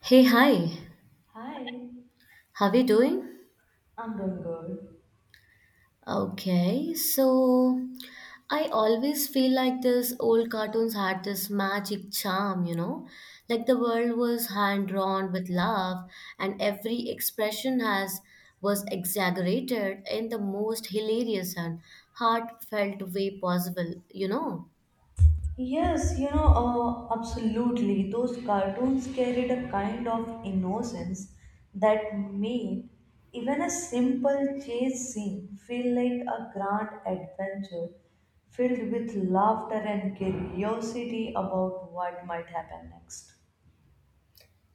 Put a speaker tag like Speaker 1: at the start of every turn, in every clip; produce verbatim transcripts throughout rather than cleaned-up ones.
Speaker 1: Hey, hi.
Speaker 2: Hi,
Speaker 1: How are you doing?
Speaker 2: I'm doing good.
Speaker 1: Okay, so I always feel like this old cartoons had this magic charm, you know? Like the world was hand drawn with love and every expression has was exaggerated in the most hilarious and heartfelt way possible, you know?
Speaker 2: Yes, you know, uh, absolutely. Those cartoons carried a kind of innocence that made even a simple chase scene feel like a grand adventure filled with laughter and curiosity about what might happen next.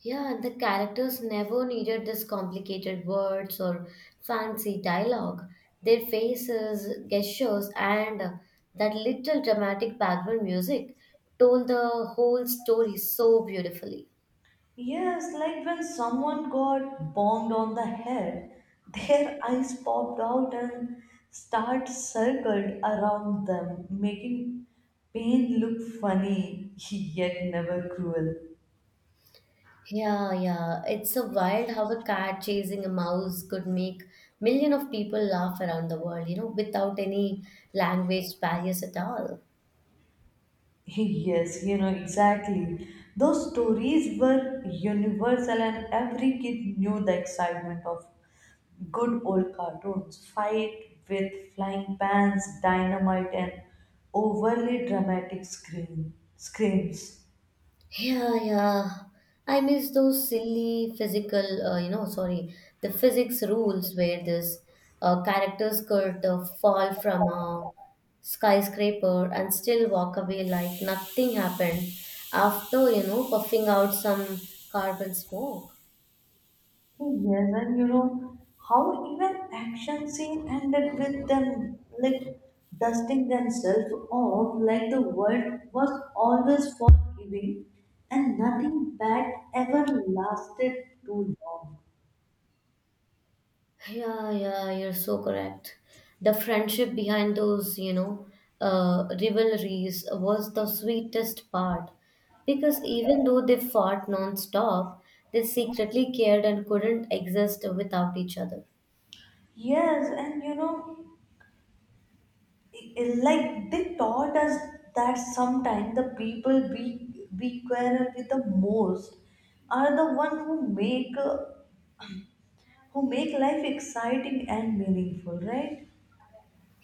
Speaker 1: Yeah, and the characters never needed this complicated words or fancy dialogue. Their faces, gestures, and uh, that little dramatic background music told the whole story so beautifully.
Speaker 2: Yes, like when someone got bombed on the head, their eyes popped out and start circled around them, making pain look funny yet never cruel.
Speaker 1: Yeah, yeah, it's a wild how a cat chasing a mouse could make million of people laugh around the world, you know, without any language barriers at all.
Speaker 2: Yes, you know exactly. Those stories were universal and every kid knew the excitement of good old cartoons. Fight with flying pans, dynamite, and overly dramatic scream, screams.
Speaker 1: Yeah, yeah. I miss those silly physical, uh, you know, sorry, the physics rules where this uh, characters could uh, fall from a skyscraper and still walk away like nothing happened after, you know, puffing out some carbon smoke.
Speaker 2: Hey, yes, and you know how even action scene ended with them like dusting themselves off like the world was always forgiving and nothing bad ever lasted too long.
Speaker 1: Yeah, yeah, you're so correct. The friendship behind those, you know, uh, rivalries was the sweetest part because even though they fought non-stop, they secretly cared and couldn't exist without each other.
Speaker 2: Yes, and you know like they taught us that sometimes the people we we quarrel with the most are the one who make uh, who make life exciting and meaningful, right?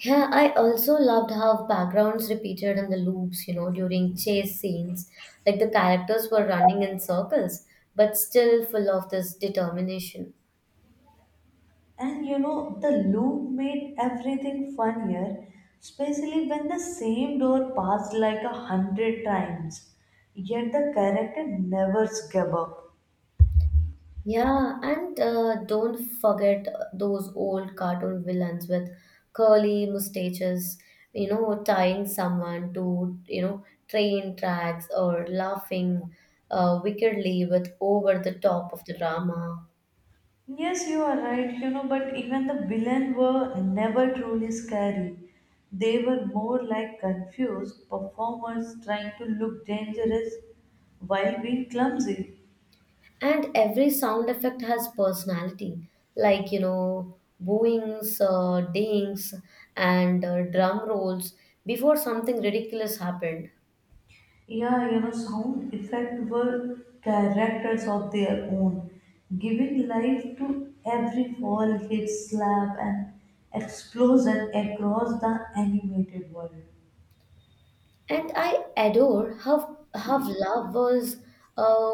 Speaker 1: Yeah, I also loved how backgrounds repeated in the loops, you know, during chase scenes. Like the characters were running in circles, but still full of this determination.
Speaker 2: And you know the loop made everything funnier, especially when the same door passed like a hundred times yet the character never gave up.
Speaker 1: Yeah, and uh, don't forget those old cartoon villains with curly mustaches, you know, tying someone to, you know, train tracks or laughing uh, wickedly with over the top of the drama.
Speaker 2: Yes, you are right, you know, but even the villain were never truly scary. They were more like confused performers trying to look dangerous while being clumsy.
Speaker 1: And every sound effect has personality, like, you know, booings, uh, dings, and uh, drum rolls before something ridiculous happened.
Speaker 2: Yeah, you know, sound effects were characters of their own, giving life to every fall, hit, slap, and explosion across the animated world.
Speaker 1: And I adore how how love was uh,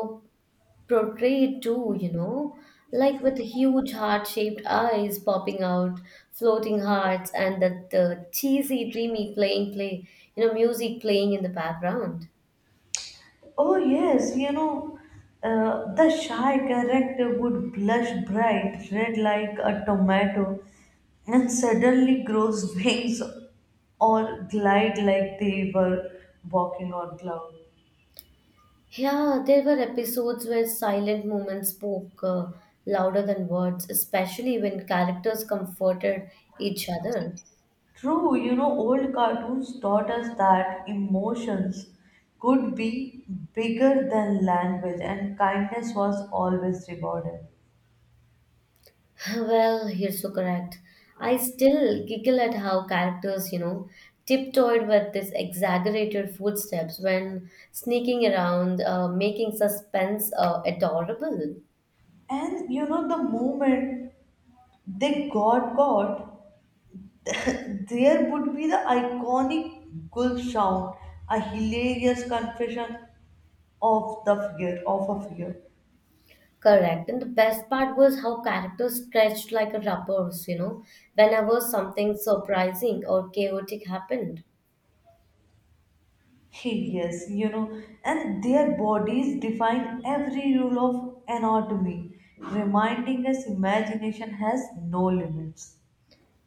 Speaker 1: portrayed too, you know, like with huge heart-shaped eyes popping out, floating hearts, and the, the cheesy, dreamy playing play, you know, music playing in the background.
Speaker 2: Oh, yes, you know, uh, the shy character would blush bright red like a tomato and suddenly grows wings or glide like they were walking on cloud.
Speaker 1: Yeah, there were episodes where silent moments spoke uh, louder than words, especially when characters comforted each other.
Speaker 2: True, you know, old cartoons taught us that emotions could be bigger than language and kindness was always rewarded.
Speaker 1: Well, you're so correct. I still giggle at how characters, you know, tiptoed with these exaggerated footsteps when sneaking around, uh, making suspense uh, adorable.
Speaker 2: And you know, the moment they got caught, there would be the iconic gulp sound, a hilarious confession of the fear of a fear.
Speaker 1: Correct. And the best part was how characters stretched like a rubbers, you know, whenever something surprising or chaotic happened.
Speaker 2: Yes, you know, and their bodies define every rule of anatomy, reminding us imagination has no limits.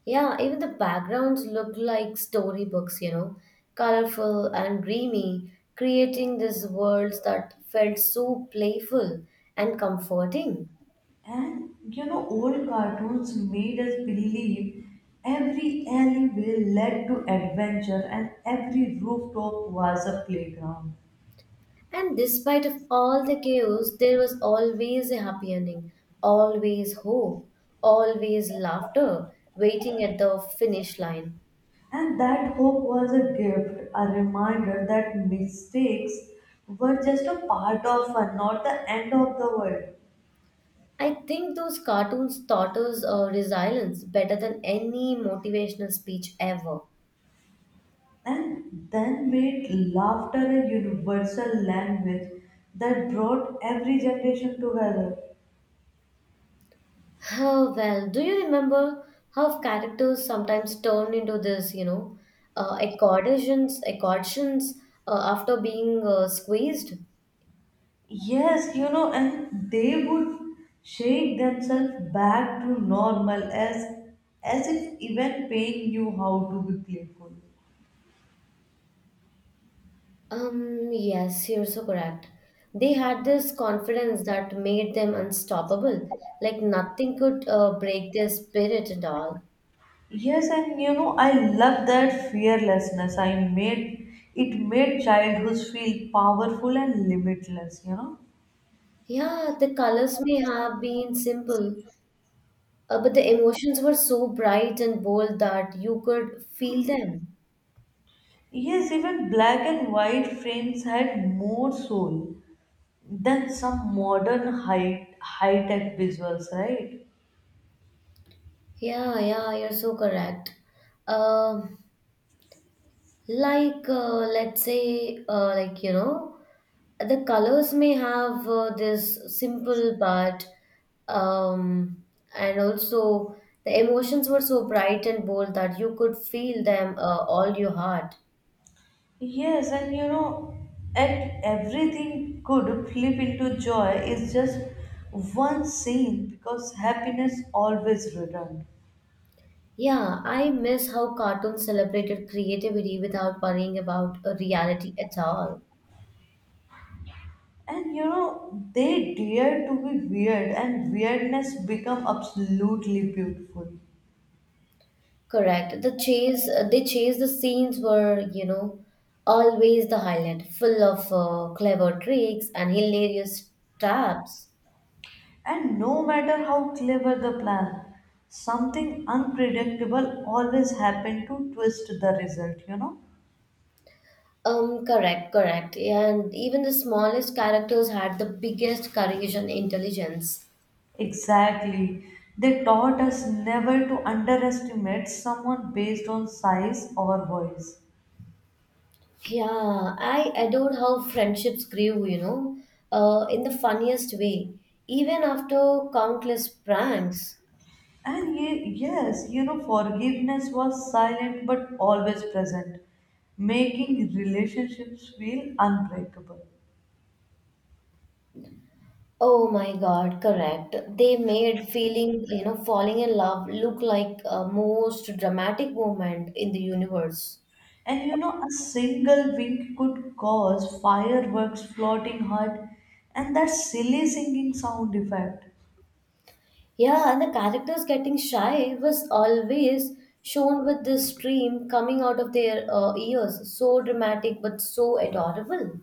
Speaker 1: Yeah, even the backgrounds look like storybooks, you know, colorful and dreamy, creating these worlds that felt so playful and comforting.
Speaker 2: And you know, old cartoons made us believe every alleyway led to adventure and every rooftop was a playground.
Speaker 1: And despite of all the chaos, there was always a happy ending, always hope, always laughter waiting at the finish line.
Speaker 2: And that hope was a gift, a reminder that mistakes were just a part of fun, not the end of the world.
Speaker 1: I think those cartoons taught us uh, resilience better than any motivational speech ever.
Speaker 2: And then made laughter a universal language that brought every generation together.
Speaker 1: Oh, well, do you remember how characters sometimes turn into this, you know, uh, accordions, accordions uh, after being uh, squeezed?
Speaker 2: Yes, you know, and they would shake themselves back to normal as as if even paying you how to be playful.
Speaker 1: Um, yes, you're so correct. They had this confidence that made them unstoppable, like nothing could uh, break their spirit at all.
Speaker 2: Yes, and you know, I love that fearlessness. I made it made childhoods feel powerful and limitless, you know.
Speaker 1: Yeah, the colors may have been simple, uh, but the emotions were so bright and bold that you could feel them.
Speaker 2: Yes, even black and white frames had more soul than some modern high high tech visuals, right?
Speaker 1: Yeah, yeah, you're so correct. Um, like, uh, let's say, uh, like, you know, the colors may have uh, this simple but um, and also the emotions were so bright and bold that you could feel them uh, all your heart.
Speaker 2: Yes, and you know, and everything could flip into joy is just one scene because happiness always returned.
Speaker 1: Yeah, I miss how cartoons celebrated creativity without worrying about uh, reality at all.
Speaker 2: And you know they dare to be weird and weirdness become absolutely beautiful.
Speaker 1: Correct. The chase, uh, they chase the scenes were, you know, always the highlight, full of uh, clever tricks and hilarious traps.
Speaker 2: And no matter how clever the plan, something unpredictable always happened to twist the result, you know.
Speaker 1: Um, correct, correct. And even the smallest characters had the biggest courage and intelligence.
Speaker 2: Exactly, they taught us never to underestimate someone based on size or voice.
Speaker 1: Yeah, I adored how friendships grew, you know, uh, in the funniest way, even after countless pranks.
Speaker 2: And ye- yes you know, forgiveness was silent but always present, making relationships feel unbreakable.
Speaker 1: Oh my God, correct. They made feeling, you know, falling in love look like a most dramatic moment in the universe.
Speaker 2: And you know, a single wink could cause fireworks, floating heart, and that silly singing sound effect.
Speaker 1: Yeah, and the characters getting shy was always shown with this stream coming out of their uh, ears. So dramatic, but so adorable.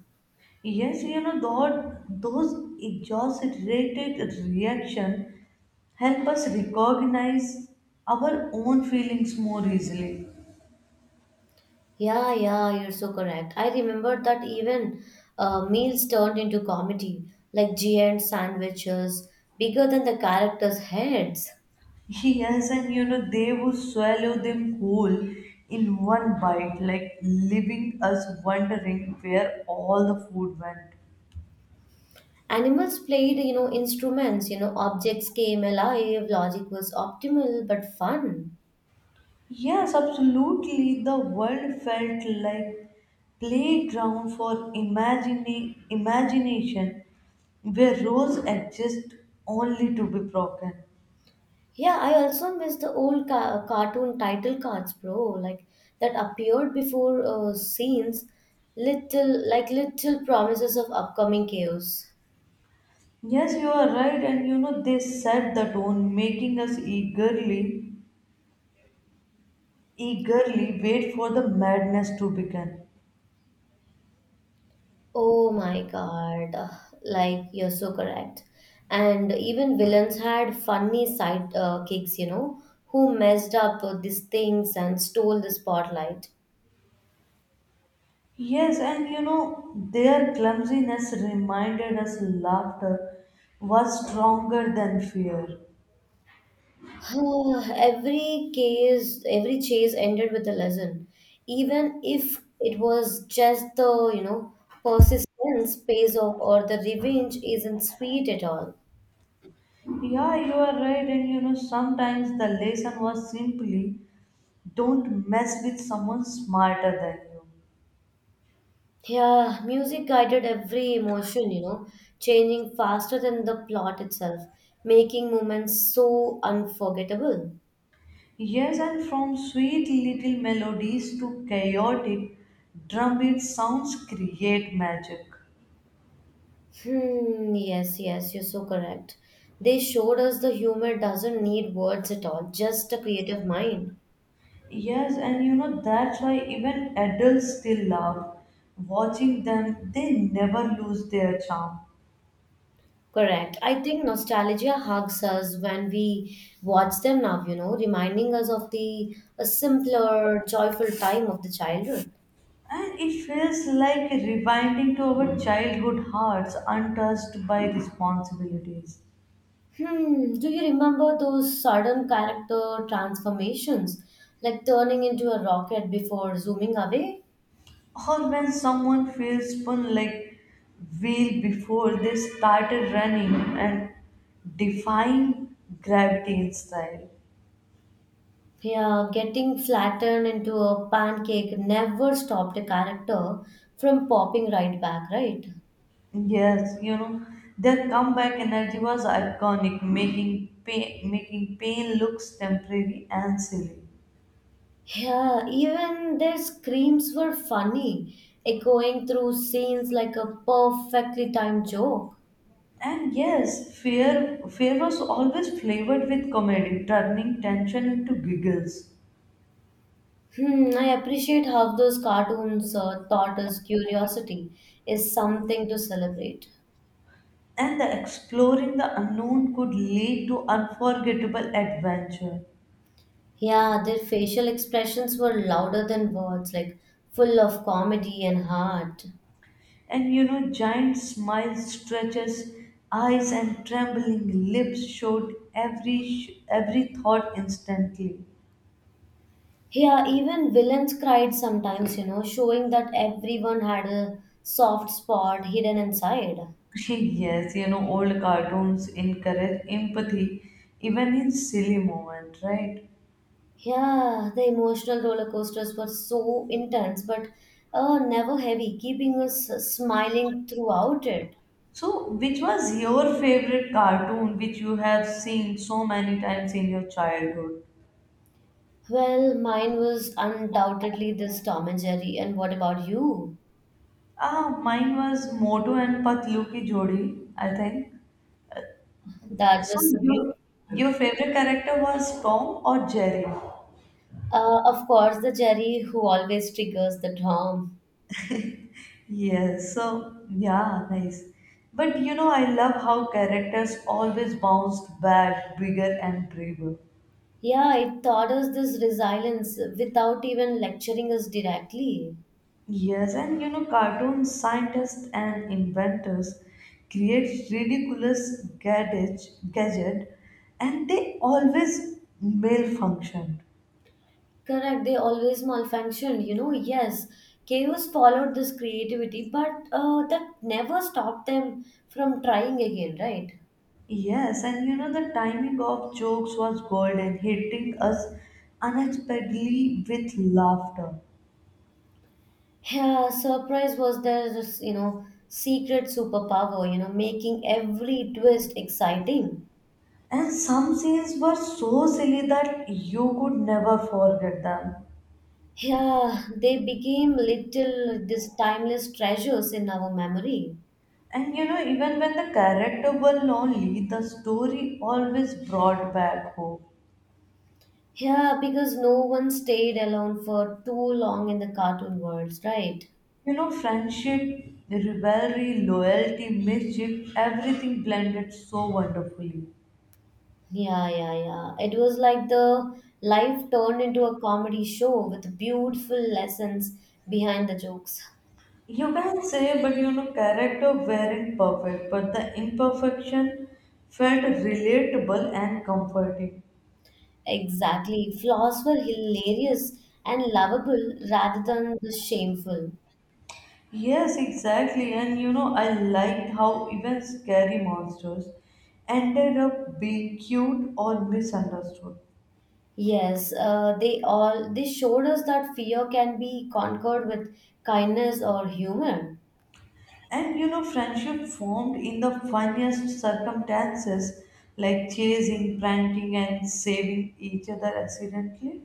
Speaker 2: Yes, you know, that, those exaggerated reaction help us recognize our own feelings more easily.
Speaker 1: Yeah, yeah, you're so correct. I remember that even uh, meals turned into comedy, like giant sandwiches, bigger than the characters' heads.
Speaker 2: Yes, and you know, they would swallow them whole in one bite, like leaving us wondering where all the food went.
Speaker 1: Animals played, you know, instruments, you know, objects came alive, logic was optimal but fun.
Speaker 2: Yes, absolutely. The world felt like playground for imagining imagination where rules exist only to be broken.
Speaker 1: Yeah, I also miss the old ca- cartoon title cards, bro, like that appeared before uh, scenes, little like little promises of upcoming chaos.
Speaker 2: Yes, you are right, and you know they set the tone, making us eagerly, eagerly wait for the madness to begin.
Speaker 1: Oh my god, uh, like you're so correct. And even villains had funny side uh, kicks, you know, who messed up uh, these things and stole the spotlight.
Speaker 2: Yes, and you know their clumsiness reminded us laughter was stronger than fear.
Speaker 1: every case, every chase ended with a lesson, even if it was just the, you know, persistence pays off or the revenge isn't sweet at all.
Speaker 2: Yeah, you are right, and you know, sometimes the lesson was simply don't mess with someone smarter than you.
Speaker 1: Yeah, music guided every emotion, you know, changing faster than the plot itself, making moments so unforgettable.
Speaker 2: Yes, and from sweet little melodies to chaotic drumbeat sounds create magic.
Speaker 1: Hmm, yes, yes, you're so correct. They showed us the humor doesn't need words at all, just a creative mind.
Speaker 2: Yes, and you know, that's why even adults still love watching them, they never lose their charm.
Speaker 1: Correct. I think nostalgia hugs us when we watch them now, you know, reminding us of the a simpler, joyful time of the childhood.
Speaker 2: And it feels like rewinding to our childhood hearts untouched by responsibilities.
Speaker 1: Hmm, do you remember those sudden character transformations, like turning into a rocket before zooming away?
Speaker 2: Or when someone feels spun like wheel before they started running and defying gravity in style.
Speaker 1: Yeah, getting flattened into a pancake never stopped a character from popping right back, right?
Speaker 2: Yes, you know, their comeback energy was iconic, making pain, making pain looks temporary and silly.
Speaker 1: Yeah, even their screams were funny, echoing through scenes like a perfectly timed joke.
Speaker 2: And yes, fear fear was always flavored with comedy, turning tension into giggles.
Speaker 1: Hmm, I appreciate how those cartoons uh, taught us curiosity is something to celebrate.
Speaker 2: And the exploring the unknown could lead to unforgettable adventure.
Speaker 1: Yeah, their facial expressions were louder than words, like full of comedy and heart.
Speaker 2: And you know, giant smiles, stretches, eyes, and trembling lips showed every sh- every thought instantly.
Speaker 1: Yeah, even villains cried sometimes, you know, showing that everyone had a soft spot hidden inside.
Speaker 2: Yes, you know, old cartoons encourage empathy even in silly moments, right?
Speaker 1: Yeah, the emotional roller coasters were so intense, but uh, never heavy, keeping us uh, smiling throughout it.
Speaker 2: So, which was your favorite cartoon which you have seen so many times in your childhood?
Speaker 1: Well, mine was undoubtedly this Tom and Jerry. And what about you?
Speaker 2: Ah, mine was Motu and Patlu Ki Jodi, I think.
Speaker 1: That
Speaker 2: So,
Speaker 1: was a
Speaker 2: your
Speaker 1: beautiful one.
Speaker 2: your favorite character was Tom or Jerry?
Speaker 1: Uh, of course, the Jerry who always triggers the Tom.
Speaker 2: Yes, so yeah, nice. But you know, I love how characters always bounced back bigger and braver.
Speaker 1: Yeah, it taught us this resilience without even lecturing us directly.
Speaker 2: Yes, and you know, cartoon scientists and inventors create ridiculous gadget, gadget, and they always malfunction.
Speaker 1: Correct, they always malfunctioned, you know. Yes, chaos followed this creativity, but uh, that never stopped them from trying again, right?
Speaker 2: Yes, and you know, the timing of jokes was golden, hitting us unexpectedly with laughter.
Speaker 1: Yeah, surprise was their, you know, secret superpower, you know, making every twist exciting.
Speaker 2: And some scenes were so silly that you could never forget them.
Speaker 1: Yeah, they became little these timeless treasures in our memory.
Speaker 2: And you know, even when the character were lonely, the story always brought back hope.
Speaker 1: Yeah, because no one stayed alone for too long in the cartoon worlds, right?
Speaker 2: You know, friendship, rivalry, loyalty, mischief, everything blended so wonderfully.
Speaker 1: Yeah, yeah, yeah. It was like the life turned into a comedy show with beautiful lessons behind the jokes.
Speaker 2: You can say, but you know, character weren't perfect, but the imperfection felt relatable and comforting.
Speaker 1: Exactly. Flaws were hilarious and lovable rather than the shameful.
Speaker 2: Yes, exactly. And you know, I liked how even scary monsters ended up being cute or misunderstood.
Speaker 1: Yes, uh, they all they showed us that fear can be conquered with kindness or humor.
Speaker 2: And you know, friendship formed in the funniest circumstances like chasing, pranking, and saving each other accidentally.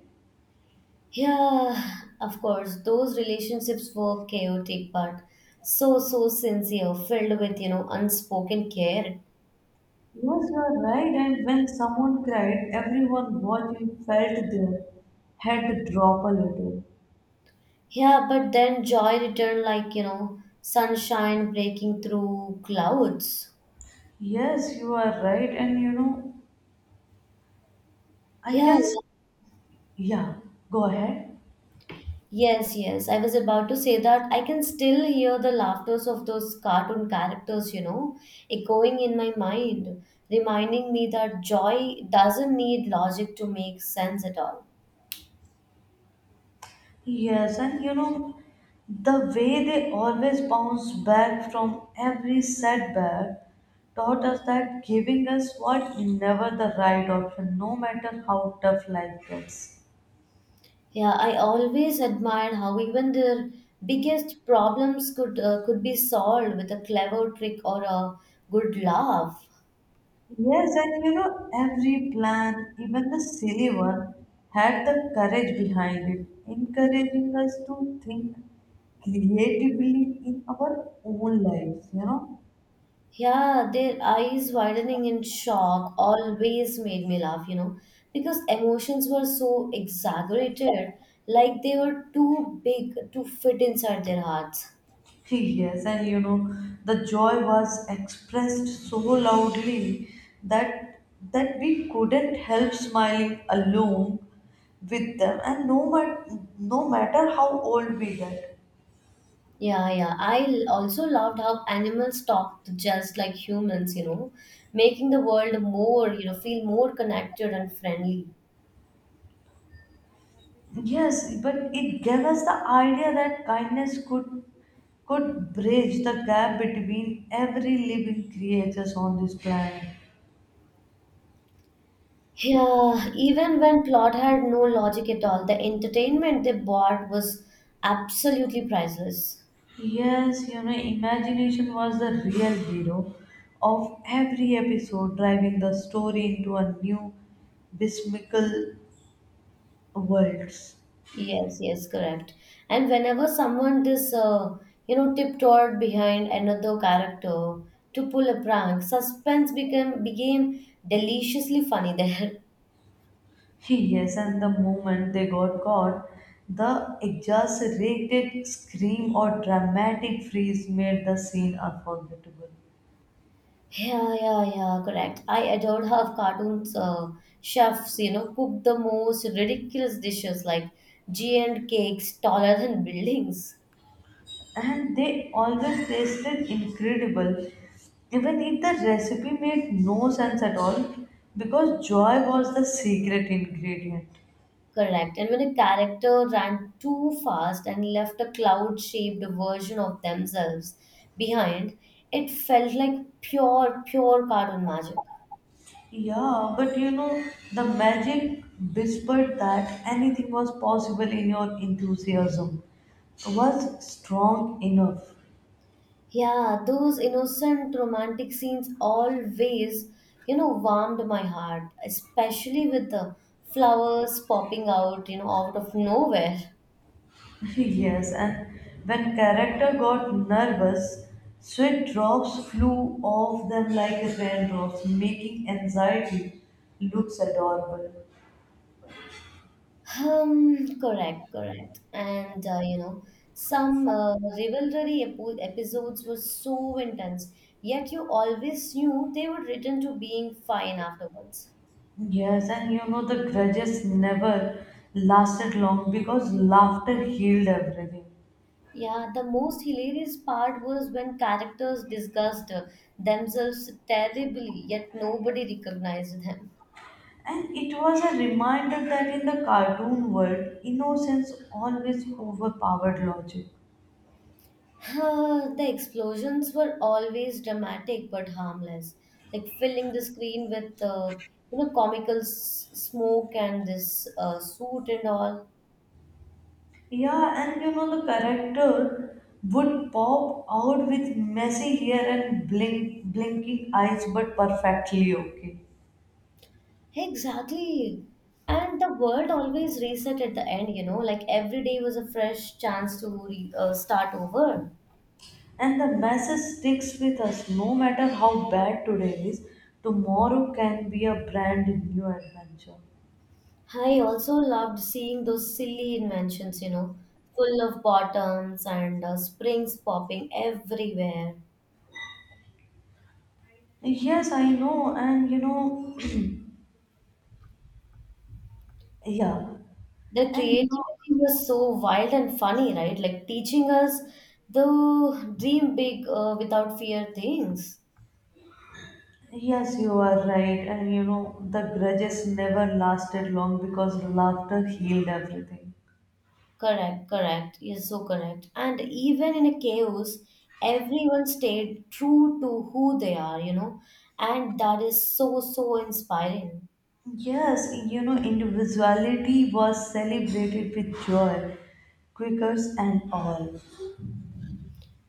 Speaker 1: Yeah, of course, those relationships were chaotic but so so sincere, filled with, you know, unspoken care.
Speaker 2: Yes, you are right. And when someone cried, everyone watching felt their head drop a little.
Speaker 1: Yeah, but then joy returned like, you know, sunshine breaking through clouds.
Speaker 2: Yes, you are right. And you know, I
Speaker 1: Yeah,
Speaker 2: can. s-
Speaker 1: yeah.
Speaker 2: Yeah, go ahead.
Speaker 1: Yes, yes. I was about to say that I can still hear the laughters of those cartoon characters, you know, echoing in my mind, reminding me that joy doesn't need logic to make sense at all.
Speaker 2: Yes, and you know, the way they always bounce back from every setback taught us that giving us was never the right option, no matter how tough life gets.
Speaker 1: Yeah, I always admired how even their biggest problems could uh, could be solved with a clever trick or a good laugh.
Speaker 2: Yes, and you know, every plan, even the silly one, had the courage behind it, encouraging us to think creatively in our own lives, you know.
Speaker 1: Yeah, their eyes widening in shock always made me laugh, you know, because emotions were so exaggerated, like they were too big to fit inside their hearts.
Speaker 2: Yes, and you know, the joy was expressed so loudly that that we couldn't help smiling alone with them, and no matter no matter how old we get.
Speaker 1: Yeah, yeah. I l- also loved how animals talked just like humans, you know, making the world more, you know, feel more connected and friendly.
Speaker 2: Yes, but it gave us the idea that kindness could could bridge the gap between every living creatures on this planet.
Speaker 1: Yeah, even when plot had no logic at all, the entertainment they brought was absolutely priceless.
Speaker 2: Yes, you know, imagination was the real hero of every episode, driving the story into a new bismical worlds.
Speaker 1: Yes, yes, correct. And whenever someone this uh, you know tiptoed behind another character to pull a prank, suspense became became deliciously funny there.
Speaker 2: Yes, and the moment they got caught, the exaggerated scream or dramatic freeze made the scene unforgettable.
Speaker 1: Yeah, yeah, yeah, correct. I adored how cartoons uh, chefs, you know, cook the most ridiculous dishes like giant cakes taller than buildings.
Speaker 2: And they always tasted incredible, even if the recipe made no sense at all, because joy was the secret ingredient.
Speaker 1: Correct. And when a character ran too fast and left a cloud shaped version of themselves behind, it felt like pure, pure cartoon magic.
Speaker 2: Yeah, but you know, the magic whispered that anything was possible in your enthusiasm was strong enough.
Speaker 1: Yeah, those innocent romantic scenes always, you know, warmed my heart, especially with the flowers popping out, you know, out of nowhere.
Speaker 2: Yes, and when character got nervous, sweat drops flew off them like raindrops, making anxiety looks adorable.
Speaker 1: Um, correct, correct. And uh, you know, some uh, rivalry epo- episodes were so intense, yet you always knew they would return to being fine afterwards.
Speaker 2: Yes, and you know the grudges never lasted long because laughter healed everything.
Speaker 1: Yeah, the most hilarious part was when characters discussed uh, themselves terribly, yet nobody recognized them.
Speaker 2: And it was a reminder that in the cartoon world, innocence always overpowered logic.
Speaker 1: Uh, the explosions were always dramatic but harmless, like filling the screen with uh, you know comical s- smoke and this uh, suit and all.
Speaker 2: Yeah, and you know, the character would pop out with messy hair and blink, blinking eyes, but perfectly okay.
Speaker 1: Exactly. And the world always reset at the end, you know, like every day was a fresh chance to re- uh, start over.
Speaker 2: And the message sticks with us no matter how bad today is, tomorrow can be a brand new adventure.
Speaker 1: I also loved seeing those silly inventions, you know, full of bottoms and uh, springs popping everywhere.
Speaker 2: Yes, I know, and you know, yeah,
Speaker 1: The
Speaker 2: and you know.
Speaker 1: creativity was so wild and funny, right? Like teaching us the dream big uh, without fear things.
Speaker 2: Yes, you are right. And you know, the grudges never lasted long because laughter healed everything.
Speaker 1: Correct, correct. You're so correct. And even in a chaos, everyone stayed true to who they are, you know, and that is so, so inspiring.
Speaker 2: Yes, you know, individuality was celebrated with joy, quakers and all.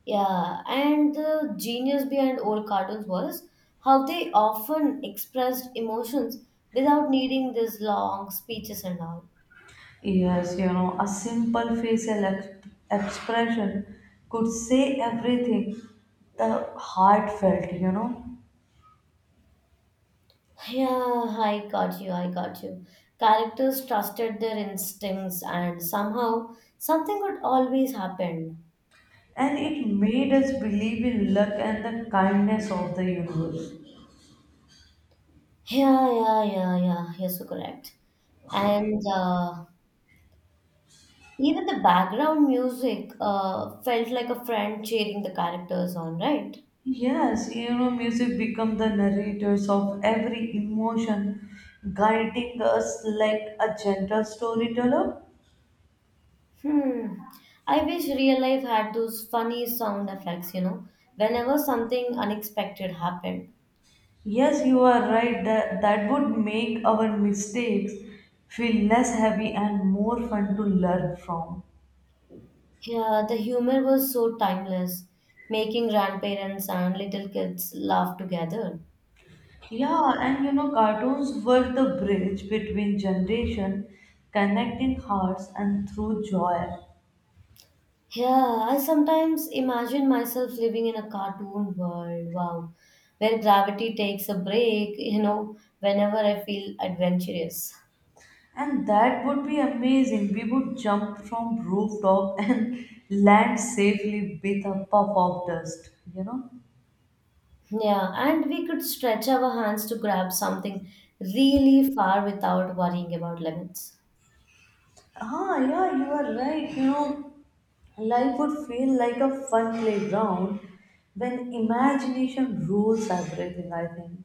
Speaker 1: Yeah, and the genius behind old cartoons was how they often expressed emotions without needing these long speeches and all.
Speaker 2: Yes, you know, a simple facial ex- expression could say everything, the heartfelt, you know,
Speaker 1: Yeah, I got you. I got you. Characters trusted their instincts, and somehow something would always happen.
Speaker 2: and it made us believe in luck and the kindness of the universe.
Speaker 1: Yeah, yeah, yeah, yeah. Yes, you're so correct. And uh, even the background music uh, felt like a friend cheering the characters on, right?
Speaker 2: Yes, you know, music become the narrators of every emotion, guiding us like a gentle storyteller.
Speaker 1: Hmm. I wish real life had those funny sound effects, you know, whenever something unexpected happened.
Speaker 2: Yes, you are right that that would make our mistakes feel less heavy and more fun to learn from.
Speaker 1: Yeah, the humor was so timeless, making grandparents and little kids laugh together.
Speaker 2: Yeah, and you know, cartoons were the bridge between generation, connecting hearts and through joy.
Speaker 1: Yeah, I sometimes imagine myself living in a cartoon world, wow, where gravity takes a break, you know, whenever I feel adventurous.
Speaker 2: And that would be amazing. We would jump from rooftop and land safely with a puff of dust, you know?
Speaker 1: Yeah, and we could stretch our hands to grab something really far without worrying about limits.
Speaker 2: Ah, yeah, you are right. You know, life would feel like a fun playground when imagination rules everything, I think.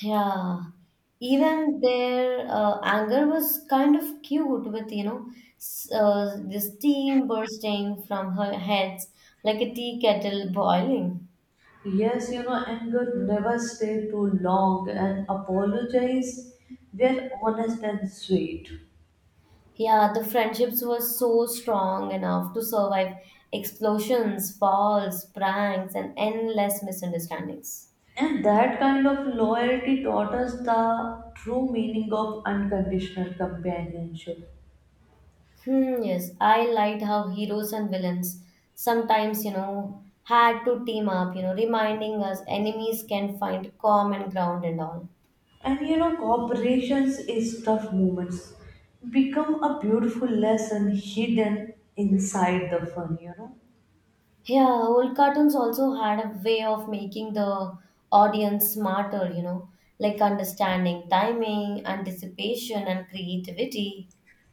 Speaker 1: Yeah, even their uh, anger was kind of cute with, you know, s- uh, the steam bursting from her heads like a tea kettle boiling.
Speaker 2: Yes, you know, anger never stay too long and apologize. We're honest and sweet.
Speaker 1: Yeah, the friendships were so strong enough to survive explosions, falls, pranks, and endless misunderstandings.
Speaker 2: And that kind of loyalty taught us the true meaning of unconditional companionship.
Speaker 1: Hmm, yes, I liked how heroes and villains sometimes, you know, had to team up, you know, reminding us enemies can find common ground and all.
Speaker 2: And you know, cooperations is tough moments become a beautiful lesson hidden inside the fun, you know.
Speaker 1: Yeah, old cartoons also had a way of making the audience smarter, you know, like understanding timing, anticipation, and creativity.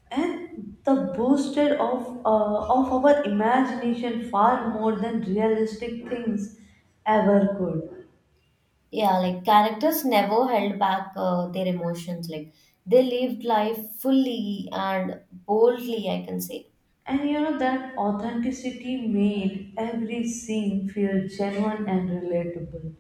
Speaker 2: And the boosted of uh, of our imagination far more than realistic things ever could.
Speaker 1: Yeah, like characters never held back uh, their emotions. Like they lived life fully and boldly, I can say.
Speaker 2: And you know that authenticity made every scene feel genuine and relatable.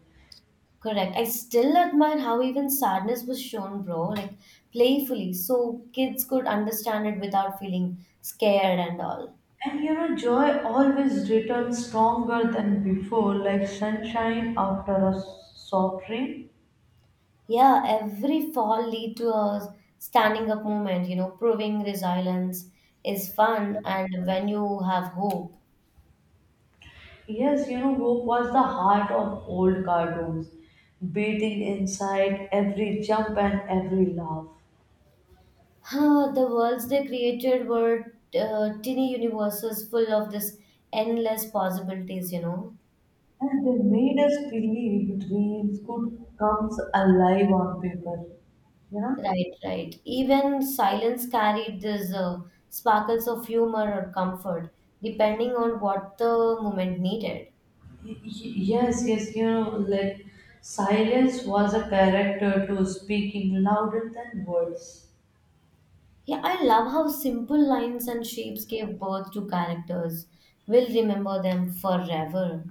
Speaker 1: Correct. I still admire how even sadness was shown, bro, like playfully, so kids could understand it without feeling scared and all.
Speaker 2: And you know, joy always returns stronger than before, like sunshine after a s- soft rain.
Speaker 1: Yeah, every fall lead to a standing up moment, you know, proving resilience is fun and when you have hope.
Speaker 2: Yes, you know, hope was the heart of old cartoons, beating inside every jump and every laugh.
Speaker 1: Huh, the worlds they created were uh, tiny universes full of this endless possibilities, you know.
Speaker 2: And they made us believe dreams could come alive on paper, you know?
Speaker 1: Right, right. Even silence carried these uh, sparkles of humor or comfort, depending on what the moment needed.
Speaker 2: Y- y- Yes, yes, you know, like silence was a character to speaking louder than words.
Speaker 1: Yeah, I love how simple lines and shapes gave birth to characters. We'll remember them forever.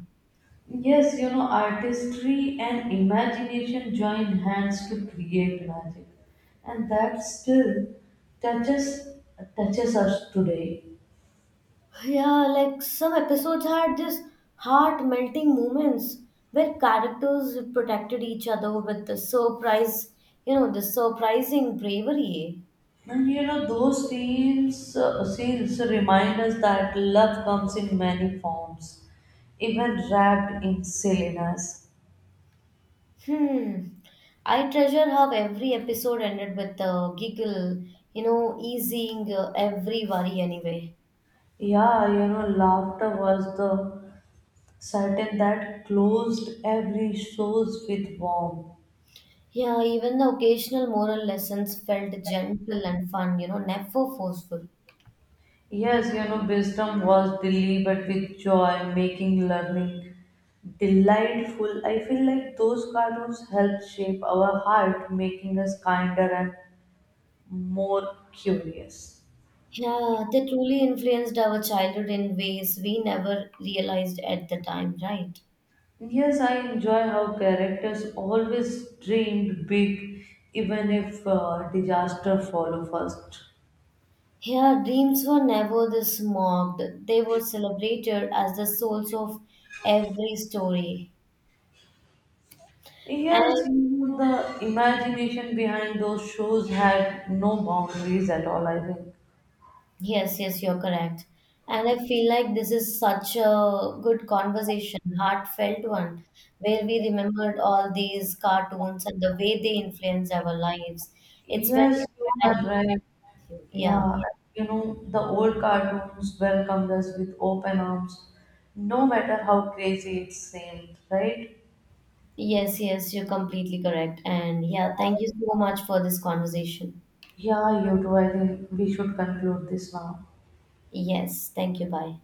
Speaker 2: Yes, you know, artistry and imagination join hands to create magic, and that still touches touches us today.
Speaker 1: Yeah, like some episodes had this heart melting moments where characters protected each other with the surprise, you know, the surprising bravery.
Speaker 2: And you know, those scenes uh, scenes remind us that love comes in many forms, even wrapped in silliness.
Speaker 1: Hmm. I treasure how every episode ended with a giggle, you know, easing uh, every worry anyway.
Speaker 2: Yeah, you know, laughter was the curtain that closed every shows with warmth.
Speaker 1: Yeah, even the occasional moral lessons felt gentle and fun, you know, never forceful.
Speaker 2: Yes, you know, wisdom was Delhi, but with joy, making learning delightful. I feel like those cartoons help shape our heart, making us kinder and more curious.
Speaker 1: Yeah, they truly influenced our childhood in ways we never realized at the time, right?
Speaker 2: Yes, I enjoy how characters always dreamed big, even if uh, disaster follow first.
Speaker 1: Here, dreams were never this mocked, they were celebrated as the souls of every story. And
Speaker 2: Yes, you know, the imagination behind those shows had no boundaries at all, I think.
Speaker 1: yes, yes, you're correct. And I feel like this is such a good conversation, heartfelt one, where we remembered all these cartoons and the way they influence our lives. It's very,
Speaker 2: Yes, you are right.
Speaker 1: yeah.
Speaker 2: Yeah, you know, the old cartoons welcomed us with open arms, no matter how crazy it seemed, right?
Speaker 1: Yes, yes, you're completely correct. And yeah, thank you so much for this conversation.
Speaker 2: Yeah, you do. I think we should conclude this now.
Speaker 1: Yes, thank you. Bye.